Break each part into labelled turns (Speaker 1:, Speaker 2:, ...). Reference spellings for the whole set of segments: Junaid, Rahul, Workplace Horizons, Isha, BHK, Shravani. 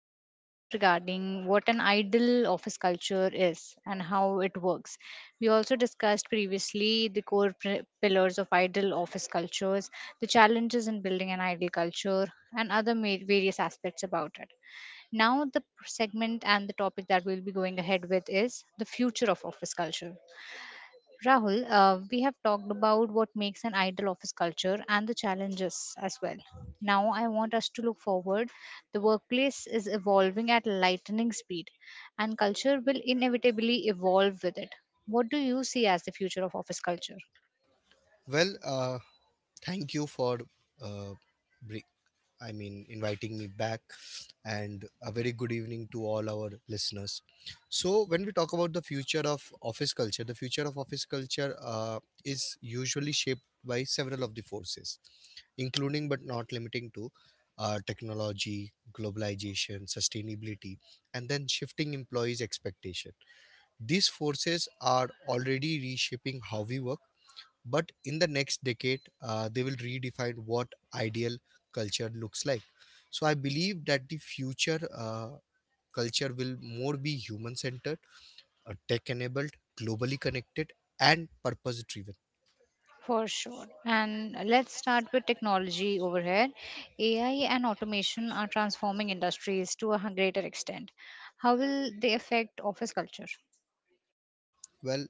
Speaker 1: conversation regarding what an ideal office culture is and how it works. We also discussed previously the core pri pillars of ideal office cultures, the challenges in building an ideal culture, and other various aspects about it. Now, the segment and the topic that we'll be going ahead with is the future of office culture. Rahul, we have talked about what makes an ideal office culture and the challenges as well. Now, I want us to look forward. The workplace is evolving at lightning speed, and culture will inevitably evolve with it. What do you see as the future of office culture?
Speaker 2: Well, uh, Thank you for, uh, bri- inviting me back, and a very good evening to all our listeners. So, when we talk about the future of office culture, the future of office culture is usually shaped by several of the forces, including but not limiting to technology, globalization, sustainability, and then shifting employees' expectation. These forces are already reshaping how we work but in the next decade, they will redefine what ideal culture looks like. So I believe that the future culture will more be human centered, tech enabled, globally connected, and purpose driven.
Speaker 1: For sure. And let's start with technology over here. AI and automation are transforming industries to a greater extent. How will they affect office culture?
Speaker 2: Well,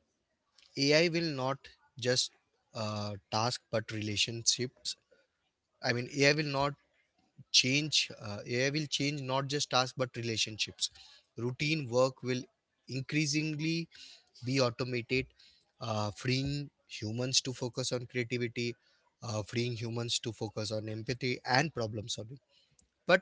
Speaker 2: AI will not just task but relationships. AI will not AI will change not just tasks, but relationships. Routine work will increasingly be automated, freeing humans to focus on creativity, freeing humans to focus on empathy and problem solving. But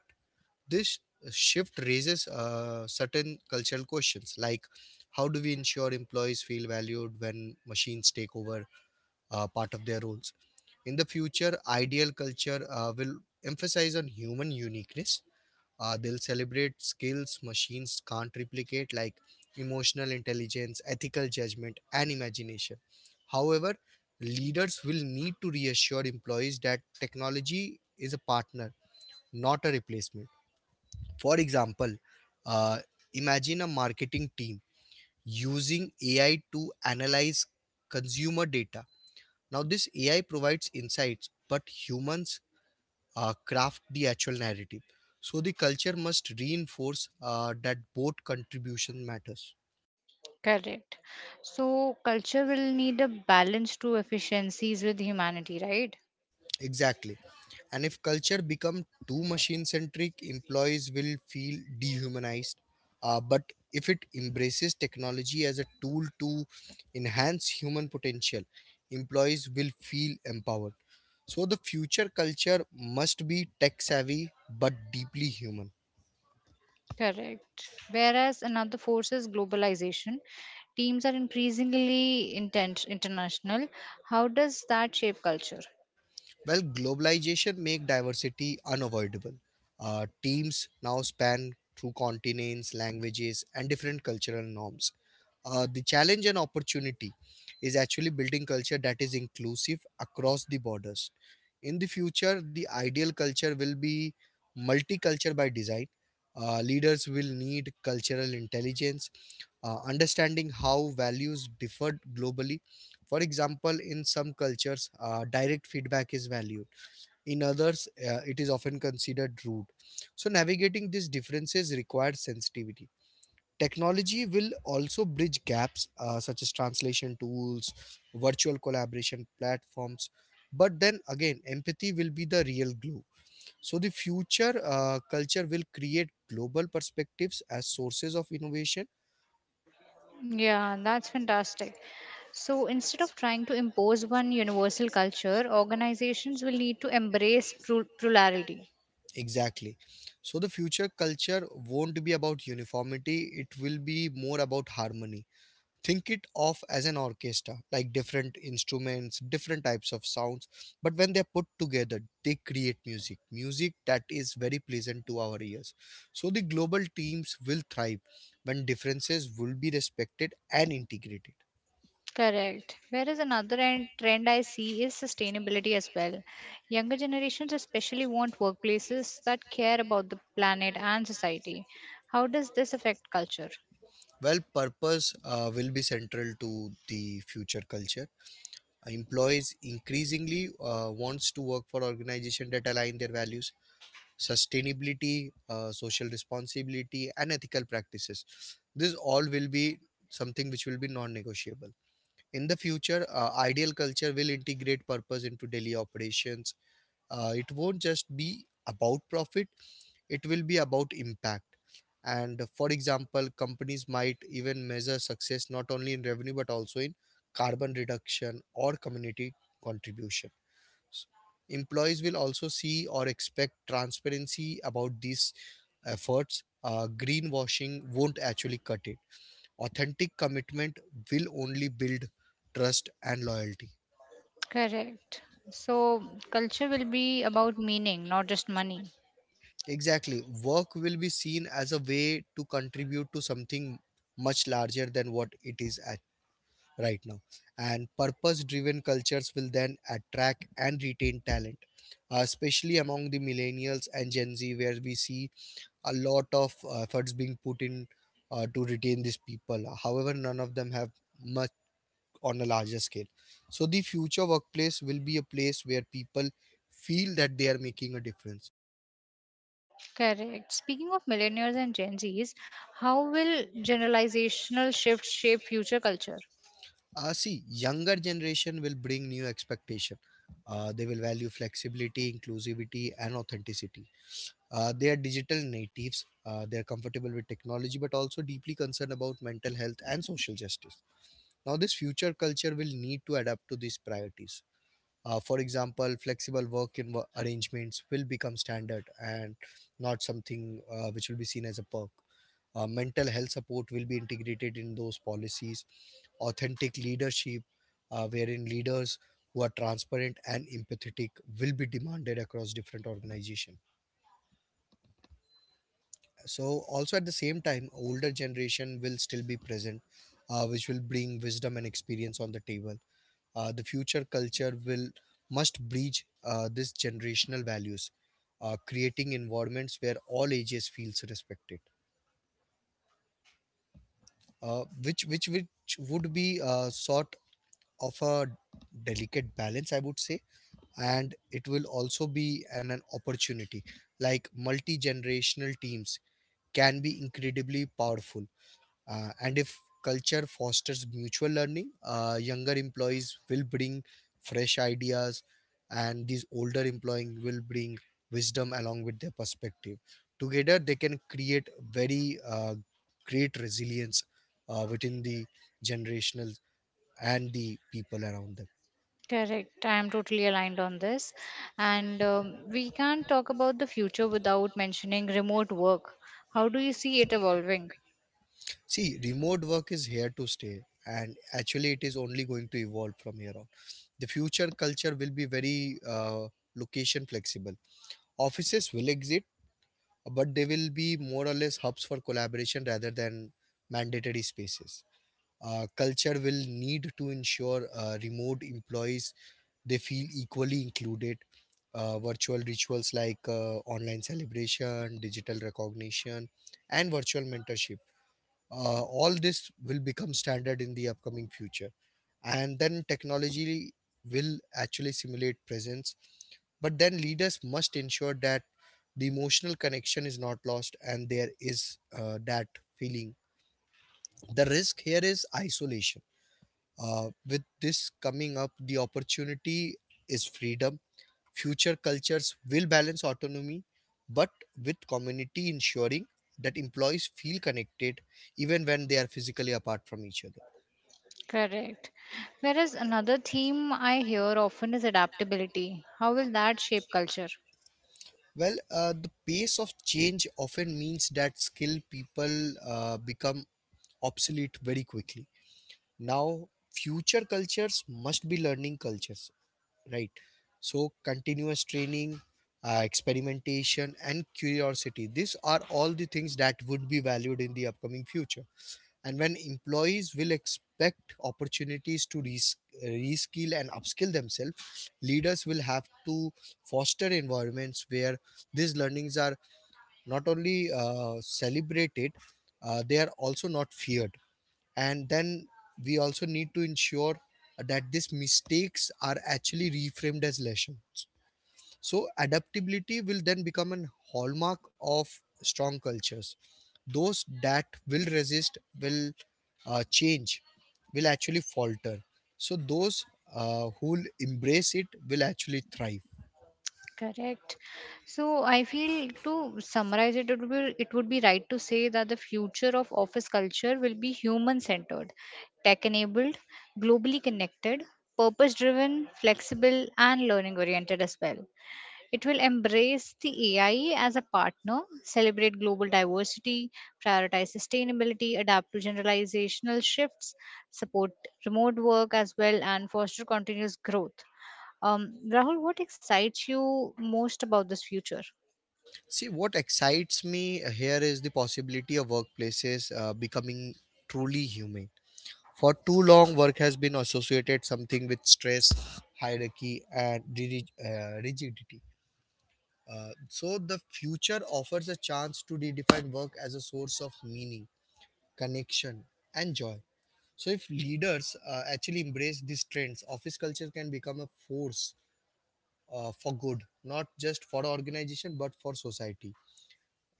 Speaker 2: this shift raises certain cultural questions like, how do we ensure employees feel valued when machines take over part of their roles? In the future, ideal culture will emphasize on human uniqueness. They'll celebrate skills machines can't replicate, like emotional intelligence, ethical judgment, and imagination. However, leaders will need to reassure employees that technology is a partner, not a replacement. For example, uh, imagine a marketing team using AI to analyze consumer data. Now this AI provides insights, but humans craft the actual narrative. So the culture must reinforce that both contribution matters.
Speaker 1: Correct. So culture will need a balance to efficiencies with humanity, right?
Speaker 2: Exactly. And if culture become too machine centric, employees will feel dehumanized. But if it embraces technology as a tool to enhance human potential, employees will feel empowered. So the future culture must be tech savvy but deeply human.
Speaker 1: Correct. Whereas another force is globalization. Teams are increasingly intent international. How does that shape culture?
Speaker 2: Well, globalization make diversity unavoidable. Teams now span through continents, languages, and different cultural norms. The challenge and opportunity is actually building culture that is inclusive across the borders. In the future, the ideal culture will be multicultural by design. Leaders will need cultural intelligence, understanding how values differ globally. For example, in some cultures, direct feedback is valued, in others it is often considered rude. So navigating these differences requires sensitivity. Technology will also bridge gaps, such as translation tools, virtual collaboration platforms, but then again, empathy will be the real glue. So the future culture will create global perspectives as sources of innovation.
Speaker 1: Yeah, that's fantastic. So instead of trying to impose one universal culture, organizations will need to embrace plurality.
Speaker 2: Exactly. So the future culture won't be about uniformity, it will be more about harmony. Think it of as an orchestra, like different instruments, different types of sounds, but when they're put together, they create music, music that is very pleasant to our ears. So the global teams will thrive when differences will be respected and integrated.
Speaker 1: Correct. Whereas another trend I see is sustainability as well. Younger generations especially want workplaces that care about the planet and society. How does this affect culture?
Speaker 2: Well, purpose will be central to the future culture. Employees increasingly wants to work for organization that align their values. Sustainability, social responsibility, and ethical practices. This all will be something which will be non-negotiable. In the future, ideal culture will integrate purpose into daily operations. It won't just be about profit; it will be about impact. And for example, companies might even measure success not only in revenue but also in carbon reduction or community contribution. Employees will also see or expect transparency about these efforts. Uh, greenwashing won't actually cut it. Authentic commitment will only build trust and loyalty.
Speaker 1: Correct. So, culture will be about meaning, not just money.
Speaker 2: Exactly. Work will be seen as a way to contribute to something much larger than what it is at right now. And purpose driven cultures will then attract and retain talent, especially among the millennials and Gen Z, where we see a lot of efforts being put in to retain these people. However, none of them have much on a larger scale. So the future workplace will be a place where people feel that they are making a difference.
Speaker 1: Correct. Speaking of millennials and Gen Zs, how will generalizational shifts shape future culture?
Speaker 2: See, younger generation will bring new expectation. They will value flexibility, inclusivity, and authenticity. They are digital natives. They are comfortable with technology, but also deeply concerned about mental health and social justice. Now, this future culture will need to adapt to these priorities. For example, flexible arrangements will become standard and not something which will be seen as a perk. Mental health support will be integrated in those policies. Authentic leadership, wherein leaders who are transparent and empathetic, will be demanded across different organizations. So also at the same time, older generation will still be present, which will bring wisdom and experience on the table. The future culture will must bridge this generational values, creating environments where all ages feels respected, which would be a sort of a delicate balance, I would say. And it will also be an opportunity, like multi-generational teams can be incredibly powerful. And if culture fosters mutual learning, younger employees will bring fresh ideas, and these older employees will bring wisdom along with their perspective. Together, they can create very great resilience within the generational and the people around them.
Speaker 1: Correct. I am totally aligned on this. And we can't talk about the future without mentioning remote work. How do you see it evolving?
Speaker 2: See, remote work is here to stay, and actually, it is only going to evolve from here on. The future culture will be very location flexible. Offices will exist, but they will be more or less hubs for collaboration rather than mandatory spaces. Culture will need to ensure remote employees they feel equally included. Virtual rituals like online celebration, digital recognition, and virtual mentorship. All this will become standard in the upcoming future. And then technology will actually simulate presence, but then leaders must ensure that the emotional connection is not lost and there is that feeling. The risk here is isolation. Uh, with this coming up, the opportunity is freedom. Future cultures will balance autonomy but with community, ensuring that employees feel connected even when they are physically apart from each other.
Speaker 1: Correct. Whereas another theme I hear often is adaptability. How will that shape culture?
Speaker 2: Well, the pace of change often means that skilled people become obsolete very quickly. Now, future cultures must be learning cultures, right? So, continuous training, experimentation, and curiosity, these are all the things that would be valued in the upcoming future. And when employees will expect opportunities to reskill and upskill themselves, leaders will have to foster environments where these learnings are not only celebrated, they are also not feared. And then we also need to ensure that these mistakes are actually reframed as lessons. So, adaptability will then become an hallmark of strong cultures. Those that will resist will change, will actually falter. So, those who will embrace it will actually thrive.
Speaker 1: Correct. So I feel to summarize it, it would be right to say that the future of office culture will be human centered, tech enabled, globally connected, purpose driven, flexible, and learning oriented as well. It will embrace the AI as a partner, celebrate global diversity, prioritize sustainability, adapt to generalizational shifts, support remote work as well, and foster continuous growth. Rahul, what excites you most about this future?
Speaker 2: See, what excites me here is the possibility of workplaces becoming truly humane. For too long, work has been associated something with stress, hierarchy, and rigidity. So the future offers a chance to redefine work as a source of meaning, connection, and joy. So if leaders actually embrace these trends, office culture can become a force for good, not just for organization but for society.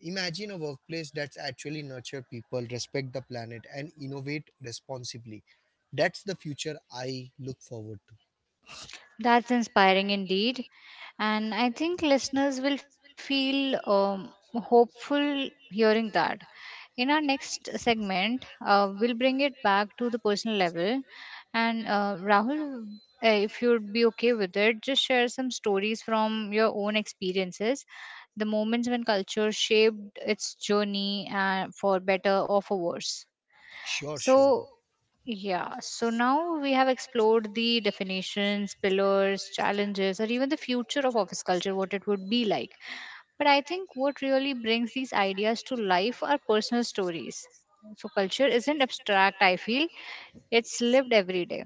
Speaker 2: Imagine a workplace that's actually nurture people, respect the planet, and innovate responsibly. That's the future I look forward to.
Speaker 1: That's inspiring indeed. And I think listeners will feel hopeful hearing that. In our next segment, we'll bring it back to the personal level. And Rahul, if you'd be okay with it, just share some stories from your own experiences, the moments when culture shaped its journey for better or for worse.
Speaker 2: Sure, sure.
Speaker 1: So, yeah, so now we have explored the definitions, pillars, challenges, or even the future of office culture, what it would be like. But I think what really brings these ideas to life are personal stories. So, culture isn't abstract, I feel, it's lived every day.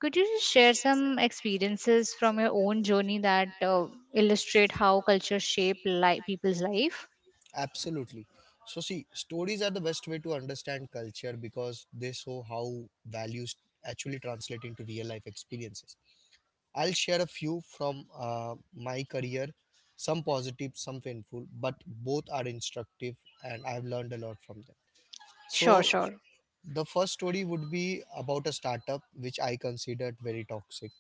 Speaker 1: Could you just share some experiences from your own journey that illustrate how culture people's life?
Speaker 2: Absolutely. So, see, stories are the best way to understand culture because they show how values actually translate into real life experiences. I'll share a few from my career, some positive, some painful, but both are instructive, and I've learned a lot from them. So,
Speaker 1: Sure, sure.
Speaker 2: the first story would be about a startup which I considered very toxic.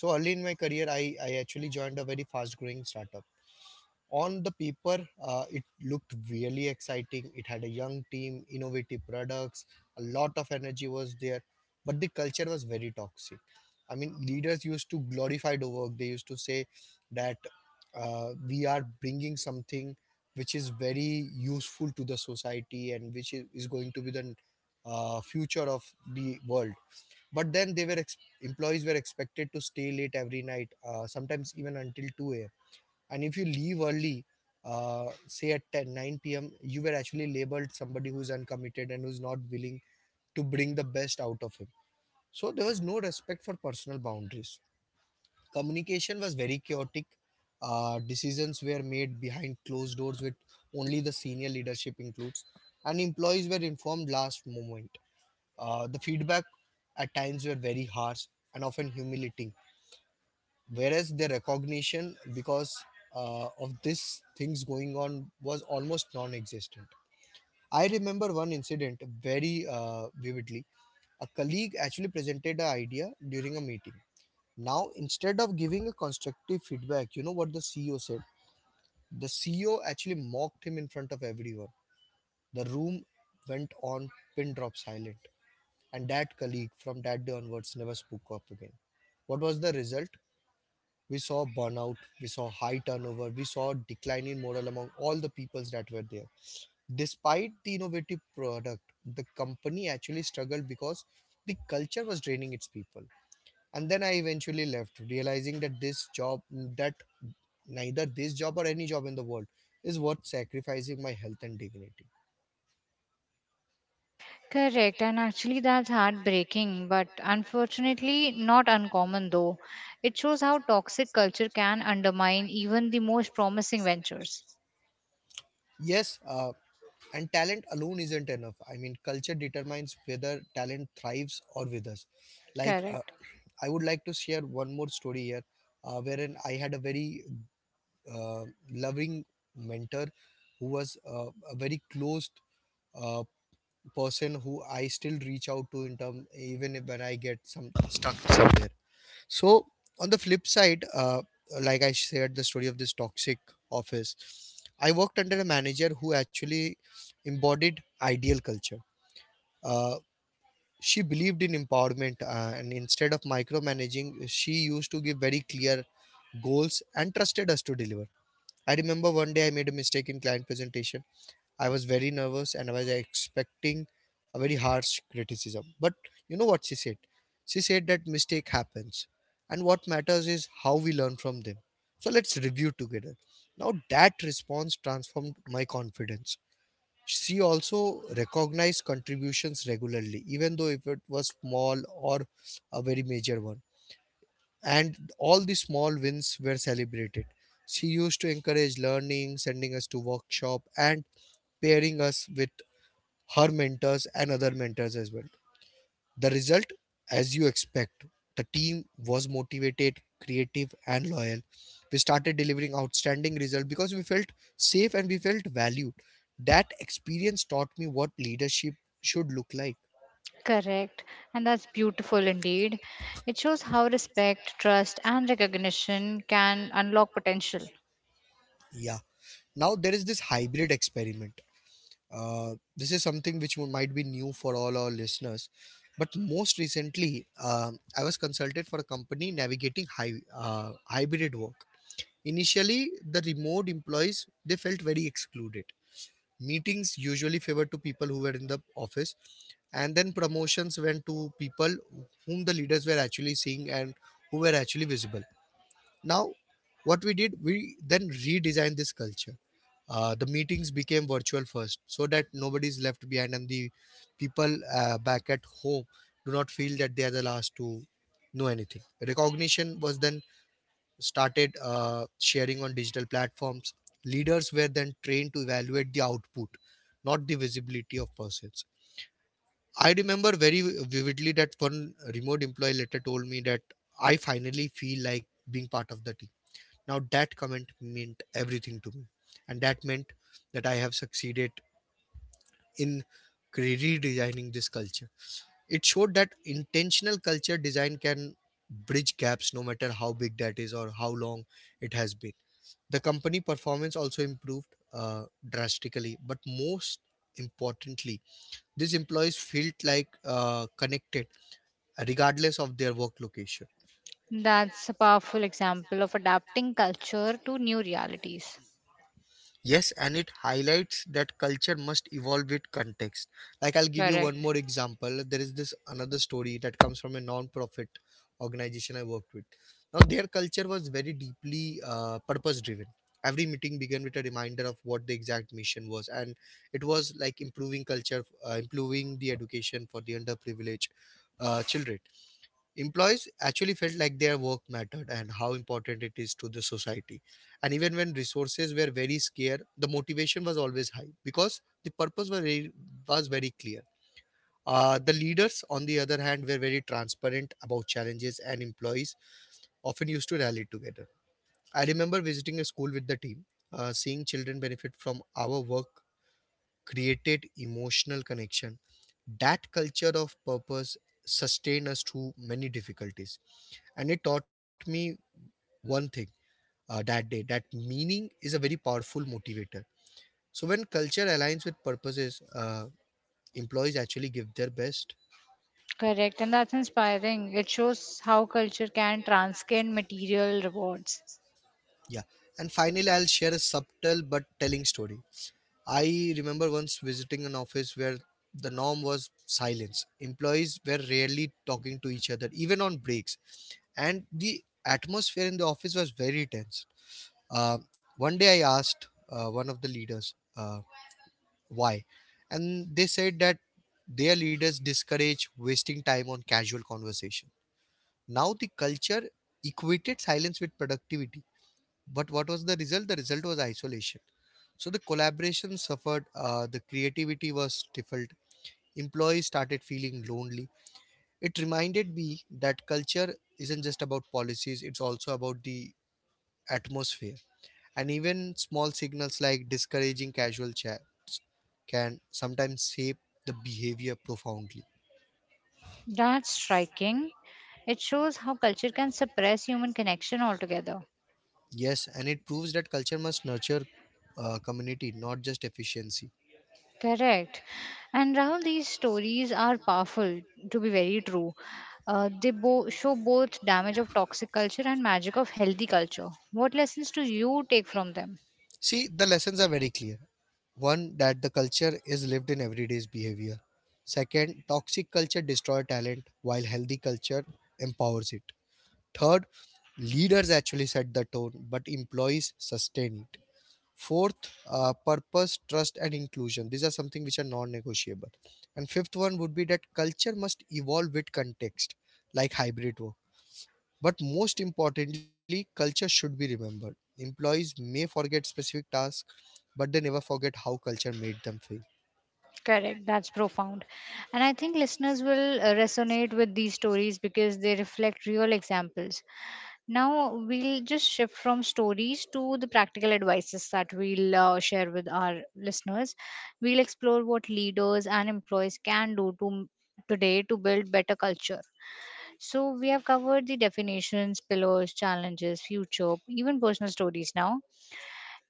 Speaker 2: So early in my career, I actually joined a very fast growing startup. On the paper, it looked really exciting. It had a young team, innovative products, a lot of energy was there, but the culture was very toxic. I mean, leaders used to glorify the work. They used to say that we are bringing something which is very useful to the society and which is going to be the future of the world. But then employees were expected to stay late every night, sometimes even until 2 a.m., and if you leave early, say at 10 9 p.m., you were actually labeled somebody who's uncommitted and who's not willing to bring the best out of him. So there was no respect for personal boundaries. Communication was very chaotic. Decisions were made behind closed doors with only the senior leadership includes, and employees were informed last moment. The feedback at times were very harsh and often humiliating, whereas the recognition, because of these things going on, was almost non-existent. I remember one incident very vividly. A colleague actually presented an idea during a meeting. Now, instead of giving a constructive feedback, you know what the CEO said? The CEO actually mocked him in front of everyone. The room went on pin drop silent, and that colleague from that day onwards never spoke up again. What was the result? We saw burnout, we saw high turnover, we saw decline in morale among all the peoples that were there. Despite the innovative product, the company actually struggled because the culture was draining its people. And then I eventually left, realizing that this job, that neither this job or any job in the world is worth sacrificing my health and dignity.
Speaker 1: Correct, and actually that's heartbreaking, but unfortunately not uncommon though. It shows how toxic culture can undermine even the most promising ventures.
Speaker 2: Yes, and talent alone isn't enough. I mean, culture determines whether talent thrives or withers. Like
Speaker 1: Correct.
Speaker 2: I would like to share one more story here, wherein I had a very uh, loving mentor who was a very close uh, person who I still reach out to in term even if when I get some stuck somewhere. So on the flip side, like I shared the story of this toxic office, I worked under a manager who actually embodied ideal culture. Uh, she believed in empowerment, and instead of micromanaging, she used to give very clear goals and trusted us to deliver. I remember one day I made a mistake in client presentation. I was very nervous and I was expecting a very harsh criticism. But you know what she said? She said that mistake happens and what matters is how we learn from them. So let's review together. Now, that response transformed my confidence. She also recognized contributions regularly, even though if it was small or a very major one. And all the small wins were celebrated. She used to encourage learning, sending us to workshop and pairing us with her mentors and other mentors as well. The result, as you expect, the team was motivated, creative, and loyal. We started delivering outstanding results because we felt safe and we felt valued. That experience taught me what leadership should look like.
Speaker 1: Correct, and that's beautiful indeed. It shows how respect, trust, and recognition can unlock potential.
Speaker 2: Yeah. Now there is this hybrid experiment. This is something which might be new for all our listeners. But most recently, I was consulted for a company navigating hybrid work. Initially, the remote employees they felt very excluded. Meetings usually favored to people who were in the office, and then promotions went to people whom the leaders were actually seeing and who were actually visible. Now, what we did, we then redesigned this culture. The meetings became virtual first, so that nobody is left behind, and the people back at home do not feel that they are the last to know anything. Recognition was then started sharing on digital platforms. Leaders were then trained to evaluate the output, not the visibility of pursuits. I remember very vividly that one remote employee later told me that I finally feel like being part of the team. Now, that comment meant everything to me, and that meant that I have succeeded in redesigning this culture. It showed that intentional culture design can bridge gaps no matter how big that is or how long it has been. The company performance also improved uh, drastically, but most importantly, these employees felt like connected regardless of their work location.
Speaker 1: That's a powerful example of adapting culture to new realities.
Speaker 2: Yes, and it highlights that culture must evolve with context. Like, I'll give you one
Speaker 1: Correct.
Speaker 2: more example. There is this another story that comes from a non-profit organization I worked with. Now, their culture was very deeply purpose-driven. Every meeting began with a reminder of what the exact mission was, and it was like improving culture, improving the education for the underprivileged children. Employees actually felt like their work mattered and how important it is to the society. And even when resources were very scarce, the motivation was always high because the purpose was very clear. The leaders, on the other hand, were very transparent about challenges, and employees often used to rally together. I remember visiting a school with the team, seeing children benefit from our work created emotional connection. That culture of purpose sustained us through many difficulties. And it taught me one thing that day, that meaning is a very powerful motivator. So, when culture aligns with purposes, employees actually give their best.
Speaker 1: Correct, and that's inspiring. It shows how culture can transcend material rewards.
Speaker 2: Yeah. And finally, I'll share a subtle but telling story. I remember once visiting an office where the norm was silence. Employees were rarely talking to each other, even on breaks. And the atmosphere in the office was very tense. Uh, One day I asked one of the leaders why. And they said that their leaders discourage wasting time on casual conversation. Now, the culture equated silence with productivity, but what was the result? The result was isolation. So the collaboration suffered, the creativity was stifled, employees started feeling lonely. It reminded me that culture isn't just about policies, it's also about the atmosphere. And even small signals like discouraging casual chats can sometimes shape the behavior profoundly.
Speaker 1: That's striking. It shows how culture can suppress human connection altogether.
Speaker 2: Yes, and it proves that culture must nurture community, not just efficiency.
Speaker 1: Correct. And Rahul, these stories are powerful, to be very true. They show both damage of toxic culture and magic of healthy culture. What lessons do you take from them?
Speaker 2: See, the lessons are very clear. One, that the culture is lived in everyday's behavior. Second, toxic culture destroys talent while healthy culture empowers it. Third, leaders actually set the tone, but employees sustain it. Fourth, purpose, trust, and inclusion. These are something which are non-negotiable. And fifth one would be that culture must evolve with context, like hybrid work, but most importantly, culture should be remembered. Employees may forget specific tasks, but they never forget how culture made them feel.
Speaker 1: Correct. That's profound. And I think listeners will resonate with these stories because they reflect real examples. Now we'll just shift from stories to the practical advices that we'll share with our listeners. We'll explore what leaders and employees can do to today to build better culture. So we have covered the definitions, pillars, challenges, future, even personal stories now.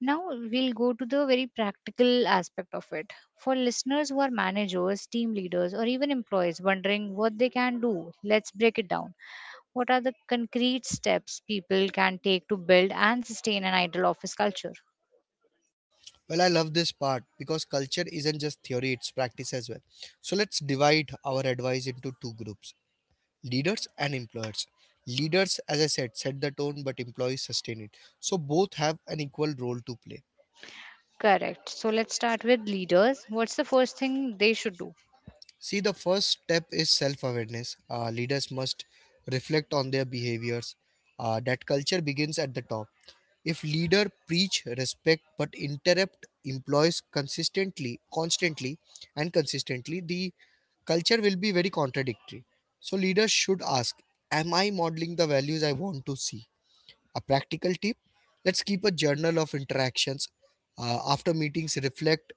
Speaker 1: Now we'll go to the very practical aspect of it. For listeners who are managers, team leaders or even employees wondering what they can do, let's break it down. What are the concrete steps people can take to build and sustain an idol office culture?
Speaker 2: Well, I love this part because culture isn't just theory, it's practice as well. So let's divide our advice into two groups: leaders and employers. Leaders, as I said, set the tone, but employees sustain it. So both have an equal role to play.
Speaker 1: Correct. So let's start with leaders. What's the first thing they should do?
Speaker 2: See, the first step is self awareness. Leaders must reflect on their behaviors. That culture begins at the top. If leader preach respect but interrupt employees consistently, constantly, and consistently, the culture will be very contradictory. So leaders should ask, am I modeling the values I want to see? A practical tip: let's keep a journal of interactions. After meetings, reflect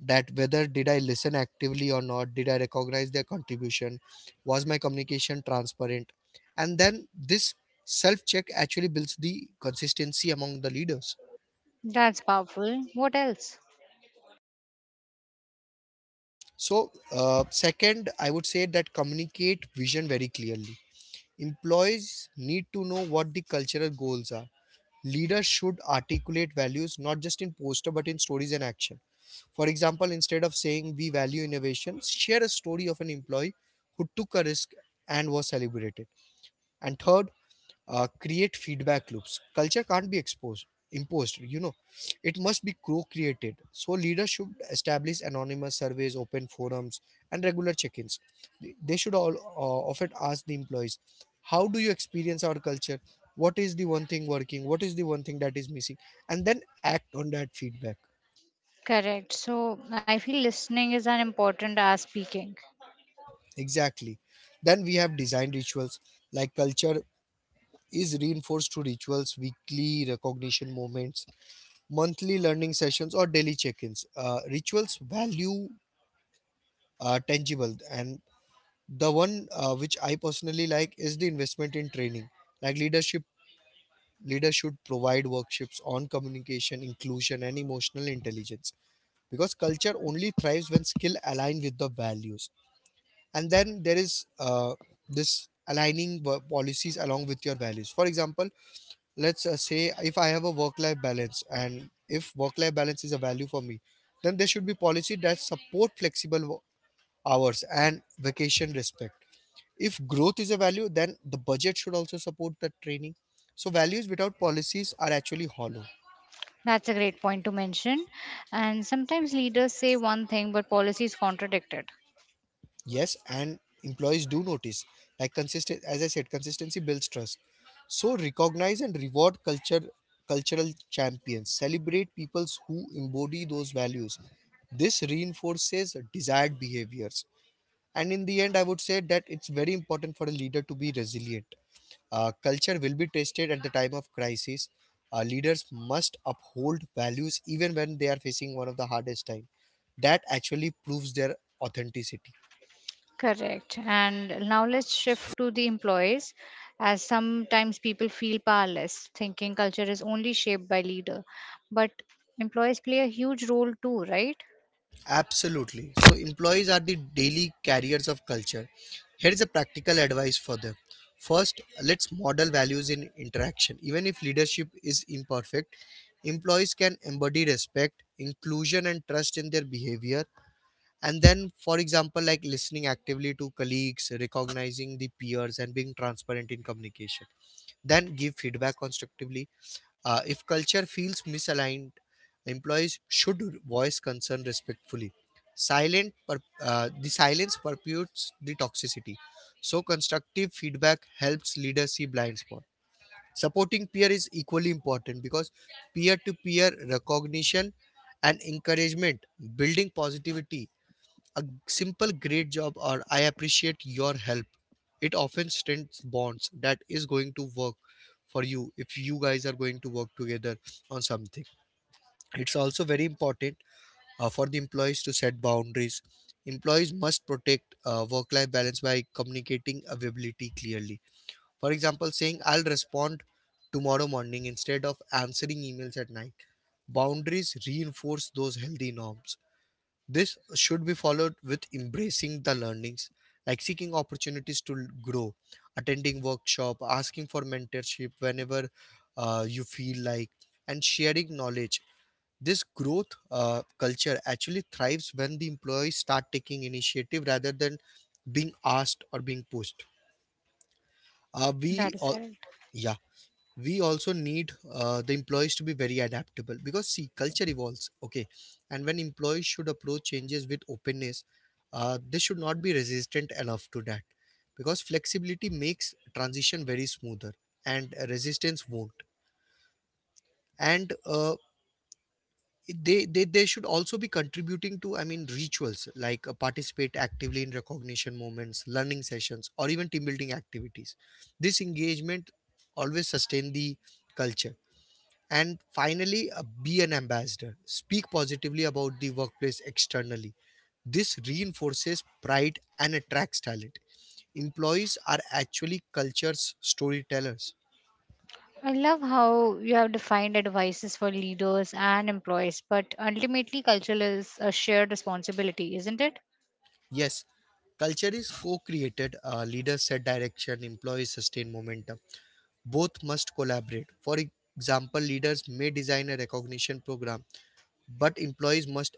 Speaker 2: that whether did I listen actively or not, did I recognize their contribution, was my communication transparent. And then this self check actually builds the consistency among the leaders.
Speaker 1: That's powerful. What else?
Speaker 2: So, second, I would say that communicate vision very clearly. Employees need to know what the cultural goals are. Leaders should articulate values not just in poster but in stories and action. For example, instead of saying we value innovation, share a story of an employee who took a risk and was celebrated. And third, create feedback loops. Culture can't be exposed, imposed, you know. It must be co created. So, leaders should establish anonymous surveys, open forums, and regular check ins. They should all often ask the employees, how do you experience our culture? What is the one thing working? What is the one thing that is missing? And then act on that feedback.
Speaker 1: Correct. So I feel listening is as important as speaking.
Speaker 2: Exactly. Then we have design rituals, like culture is reinforced through rituals, weekly recognition moments, monthly learning sessions, or daily check ins. Rituals value tangible, and the one which I personally like is the investment in training. Like leadership, leaders should provide workshops on communication, inclusion, and emotional intelligence because culture only thrives when skill align with the values. And then there is this aligning policies along with your values. For example, let's say if I have a work life balance, and if work life balance is a value for me, then there should be policy that support flexible hours and vacation respect. If growth is a value, then the budget should also support that training. So values without policies are actually hollow.
Speaker 1: That's a great point to mention. And sometimes leaders say one thing, but policies contradict it.
Speaker 2: Yes, and employees do notice. Like, consistent, as I said, consistency builds trust. So recognize and reward culture, cultural champions. Celebrate peoples who embody those values. This reinforces desired behaviors. And in the end, I would say that it's very important for a leader to be resilient. Culture will be tested at the time of crisis. Leaders must uphold values even when they are facing one of the hardest time. That actually proves their authenticity.
Speaker 1: Correct. And now let's shift to the employees, as sometimes people feel powerless, thinking culture is only shaped by leader. But employees play a huge role too, right?
Speaker 2: Absolutely. So, employees are the daily carriers of culture. Here is a practical advice for them. First, let's model values in interaction. Even if leadership is imperfect, employees can embody respect, inclusion, and trust in their behavior, and then for example like listening actively to colleagues, recognizing the peers, and being transparent in communication. Then give feedback constructively. If culture feels misaligned, employees should voice concern respectfully. The silence perpetuates the toxicity, so constructive feedback helps leaders see blind spot. Supporting peer is equally important because peer to peer recognition and encouragement building positivity. A simple great job or I appreciate your help. It often strengthens bonds that is going to work for you if you guys are going to work together on something. It's also very important for the employees to set boundaries. Employees must protect work life balance by communicating availability clearly. For example, saying I'll respond tomorrow morning instead of answering emails at night. Boundaries reinforce those healthy norms. This should be followed with embracing the learnings, like seeking opportunities to grow, attending workshop, asking for mentorship whenever you feel like, and sharing knowledge. This growth culture actually thrives when the employees start taking initiative rather than being asked or being pushed. We
Speaker 1: That is
Speaker 2: all,
Speaker 1: correct.
Speaker 2: yeah we also need the employees to be very adaptable because see culture evolves, okay, and when employees should approach changes with openness, they should not be resistant enough to that because flexibility makes transition very smoother and resistance won't and they should also be contributing to I mean rituals like participate actively in recognition moments, learning sessions, or even team building activities. This engagement always sustain the culture. And finally, be an ambassador. Speak positively about the workplace externally. This reinforces pride and attracts talent. Employees are actually culture's storytellers.
Speaker 1: I love how you have defined advices for leaders and employees, but ultimately, culture is a shared responsibility, isn't it?
Speaker 2: Yes, culture is co created, leaders set direction, employees sustain momentum. Both must collaborate. For example, leaders may design a recognition program, but employees must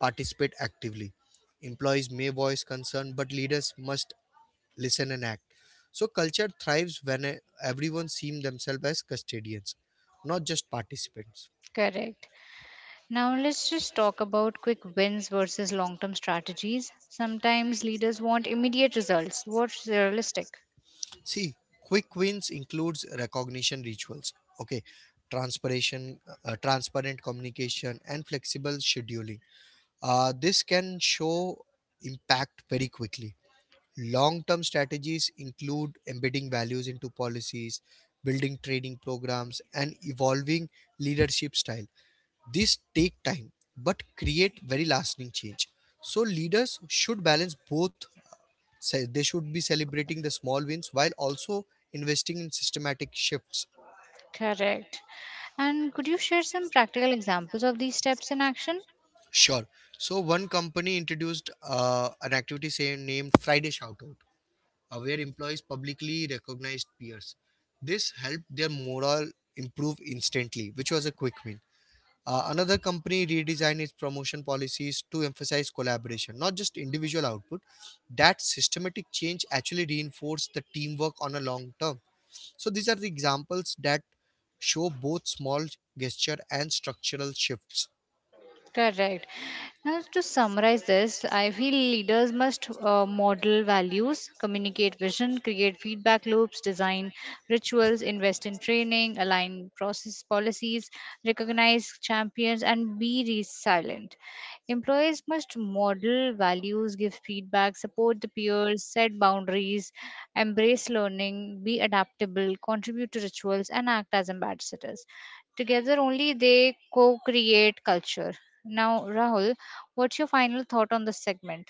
Speaker 2: participate actively. Employees may voice concern, but leaders must listen and act. So culture thrives when everyone sees themselves as custodians, not just participants.
Speaker 1: Correct. Now let's just talk about quick wins versus long term strategies. Sometimes leaders want immediate results. What's realistic?
Speaker 2: See, quick wins includes recognition rituals, okay, transparency, transparent communication and flexible scheduling. This can show impact very quickly. Long term strategies include embedding values into policies, building training programs, and evolving leadership style. These take time but create very lasting change. So leaders should balance both. They should be celebrating the small wins while also investing in systematic shifts.
Speaker 1: Correct. And could you share some practical examples of these steps in action?
Speaker 2: Sure. So one company introduced an activity, say, named Friday Shoutout, where employees publicly recognized peers. This helped their morale improve instantly, which was a quick win. Another company redesigned its promotion policies to emphasize collaboration, not just individual output. That systematic change actually reinforced the teamwork on a long term. So these are the examples that show both small gesture and structural shifts.
Speaker 1: Correct. Now, to summarize this, I feel leaders must model values, communicate vision, create feedback loops, design rituals, invest in training, align process policies, recognize champions, and be resilient. Employees must model values, give feedback, support the peers, set boundaries, embrace learning, be adaptable, contribute to rituals, and act as ambassadors. Together, only they co create culture. Now, Rahul, what's your final thought on this segment?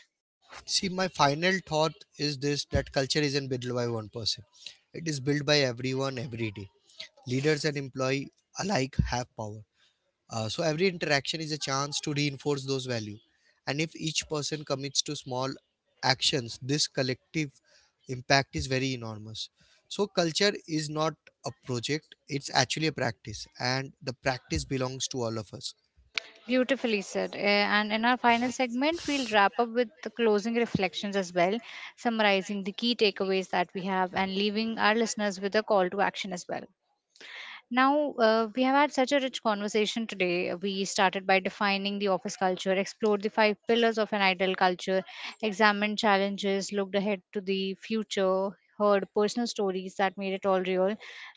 Speaker 2: See, my final thought is this that culture isn't built by one person. It is built by everyone every day. Leaders and employee alike have power. So every interaction is a chance to reinforce those values. And if each person commits to small actions, this collective impact is very enormous. So culture is not a project, it's actually a practice, and the practice belongs to all of us.
Speaker 1: Beautifully said. And in our final segment, we'll wrap up with the closing reflections as well, summarizing the key takeaways that we have and leaving our listeners with a call to action as well. Now, we have had such a rich conversation today. We started by defining the office culture, explored the five pillars of an ideal culture, examined challenges, looked ahead to the future, heard personal stories that made it all real.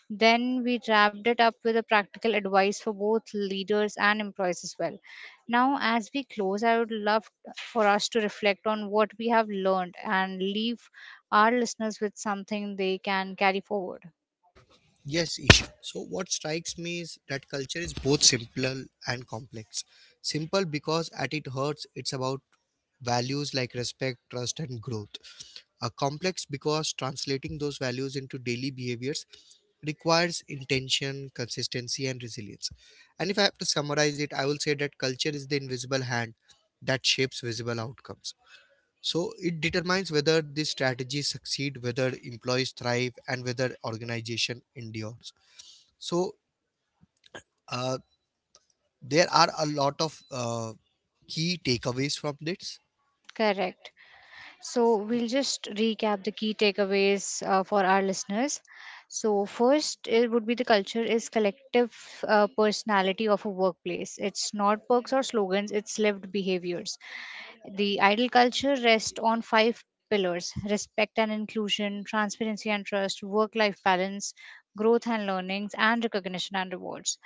Speaker 1: Then we wrapped it up with a practical advice for both leaders and employees as well. Now, as we close, I would love for us to reflect on what we have learned and leave our listeners with something they can carry forward.
Speaker 2: Yes, Isha. So what strikes me is that culture is both simple and complex. Simple because at its heart, it's about values like respect, trust, and growth, are complex because translating those values into daily behaviors requires intention, consistency, and resilience. And if I have to summarize it, I will say that culture is the invisible hand that shapes visible outcomes. So it determines whether these strategies succeed, whether employees thrive, and whether organization endures. So uh, there are a lot of key takeaways from this.
Speaker 1: Correct. So, we'll just recap the key takeaways for our listeners. So, first, it would be the culture is collective personality of a workplace. It's not perks or slogans, it's lived behaviors. The idol culture rests on five pillars respect and inclusion, transparency and trust, work life balance, growth and learnings, and recognition and rewards.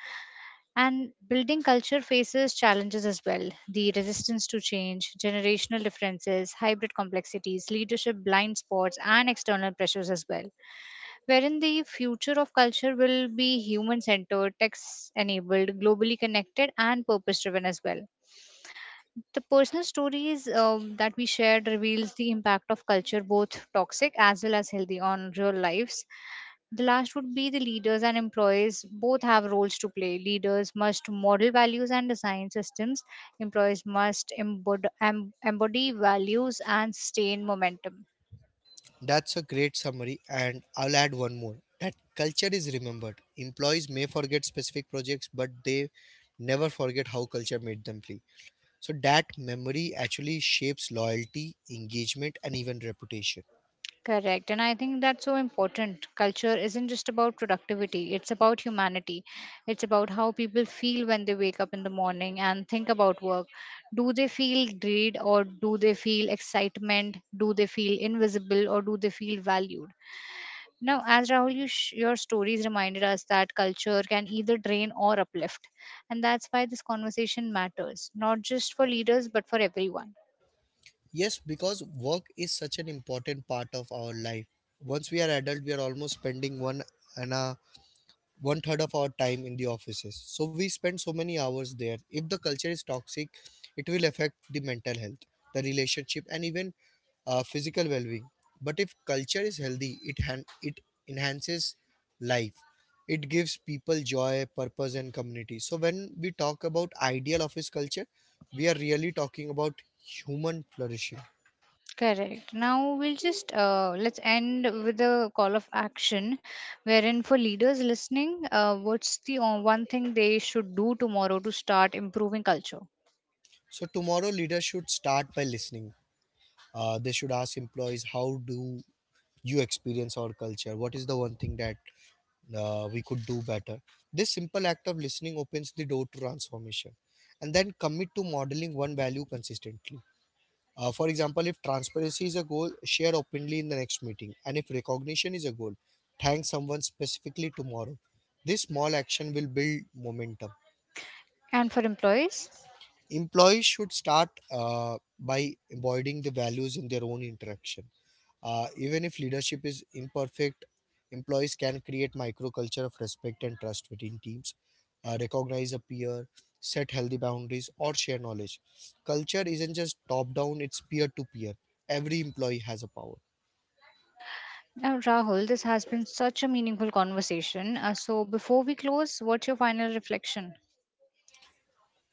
Speaker 1: And building culture faces challenges as well the resistance to change, generational differences, hybrid complexities, leadership blind spots, and external pressures as well. Wherein the future of culture will be human centered, tech enabled, globally connected, and purpose driven as well. The personal stories that we shared reveals the impact of culture, both toxic as well as healthy, on real lives the last would be the leaders and employees both have roles to play. Leaders must model values and design systems. Employees must embody values and sustain momentum.
Speaker 2: That's a great summary, and I'll add one more. That culture is remembered. Employees may forget specific projects, but they never forget how culture made them feel. So, that memory actually shapes loyalty, engagement, and even reputation.
Speaker 1: Correct. And I think that's so important. Culture isn't just about productivity, it's about humanity. It's about how people feel when they wake up in the morning and think about work. Do they feel greed or do they feel excitement? Do they feel invisible or do they feel valued? Now, as Rahul, your stories reminded us that culture can either drain or uplift. And that's why this conversation matters, not just for leaders, but for everyone.
Speaker 2: Yes, because work is such an important part of our life. Once we are adult, we are almost spending one and a one third of our time in the offices. So we spend so many hours there. If the culture is toxic, it will affect the mental health, the relationship, and even physical well-being. But if culture is healthy, it it enhances life. It gives people joy, purpose, and community. So when we talk about ideal office culture, we are really talking about human flourishing.
Speaker 1: Correct. Now, we'll just let's end with a call of action wherein for leaders listening, what's the one thing they should do tomorrow to start improving culture?
Speaker 2: So tomorrow, leaders should start by listening. They should ask employees, how do you experience our culture, what is the one thing that we could do better? This simple act of listening opens the door to transformation. And then commit to modeling one value consistently. For example, if transparency is a goal, share openly in the next meeting, and if recognition is a goal, thank someone specifically tomorrow. This small action will build momentum.
Speaker 1: And for employees?
Speaker 2: Employees should start by embodying the values in their own interaction. Even if leadership is imperfect, employees can create microculture of respect and trust within teams. Recognize a peer, set healthy boundaries, or share knowledge. Culture isn't just top down, it's peer to peer. Every employee has a power.
Speaker 1: Now, Rahul, this has been such a meaningful conversation. So, before we close, what's your final reflection?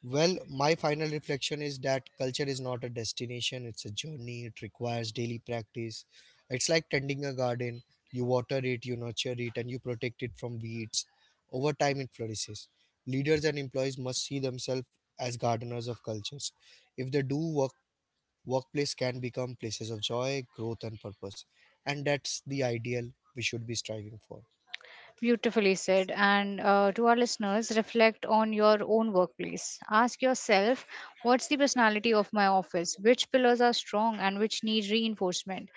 Speaker 2: Well, my final reflection is that culture is not a destination, it's a journey. It requires daily practice. It's like tending a garden. You water it, you nurture it, and you protect it from weeds. Over time, it flourishes. Leaders and employees must see themselves as gardeners of cultures. If they do, workplace can become places of joy, growth, and purpose. And that's the ideal we should be striving for.
Speaker 1: Beautifully said. And to our listeners, reflect on your own workplace. Ask yourself, what's the personality of my office? Which pillars are strong and which need reinforcement?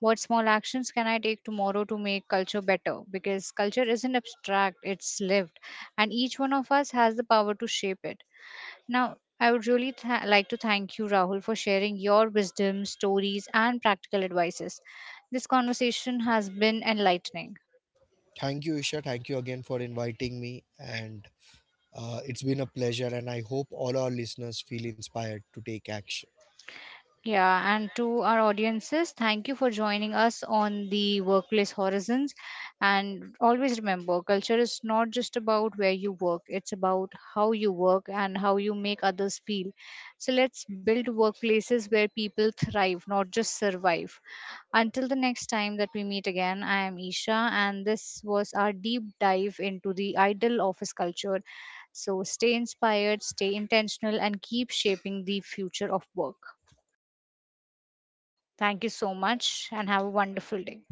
Speaker 1: What small actions can I take tomorrow to make culture better? Because culture isn't abstract, it's lived. And each one of us has the power to shape it. Now, I would really like to thank you, Rahul, for sharing your wisdom, stories, and practical advices. This conversation has been enlightening.
Speaker 2: Thank you, Isha. Thank you again for inviting me. And it's been a pleasure, and I hope all our listeners feel inspired to take action.
Speaker 1: Yeah, and to our audiences, thank you for joining us on the Workplace Horizons. And always remember, culture is not just about where you work, it's about how you work and how you make others feel. So let's build workplaces where people thrive, not just survive. Until the next time that we meet again, I am Isha, and this was our deep dive into the ideal office culture. So stay inspired, stay intentional, and keep shaping the future of work. Thank you so much and have a wonderful day.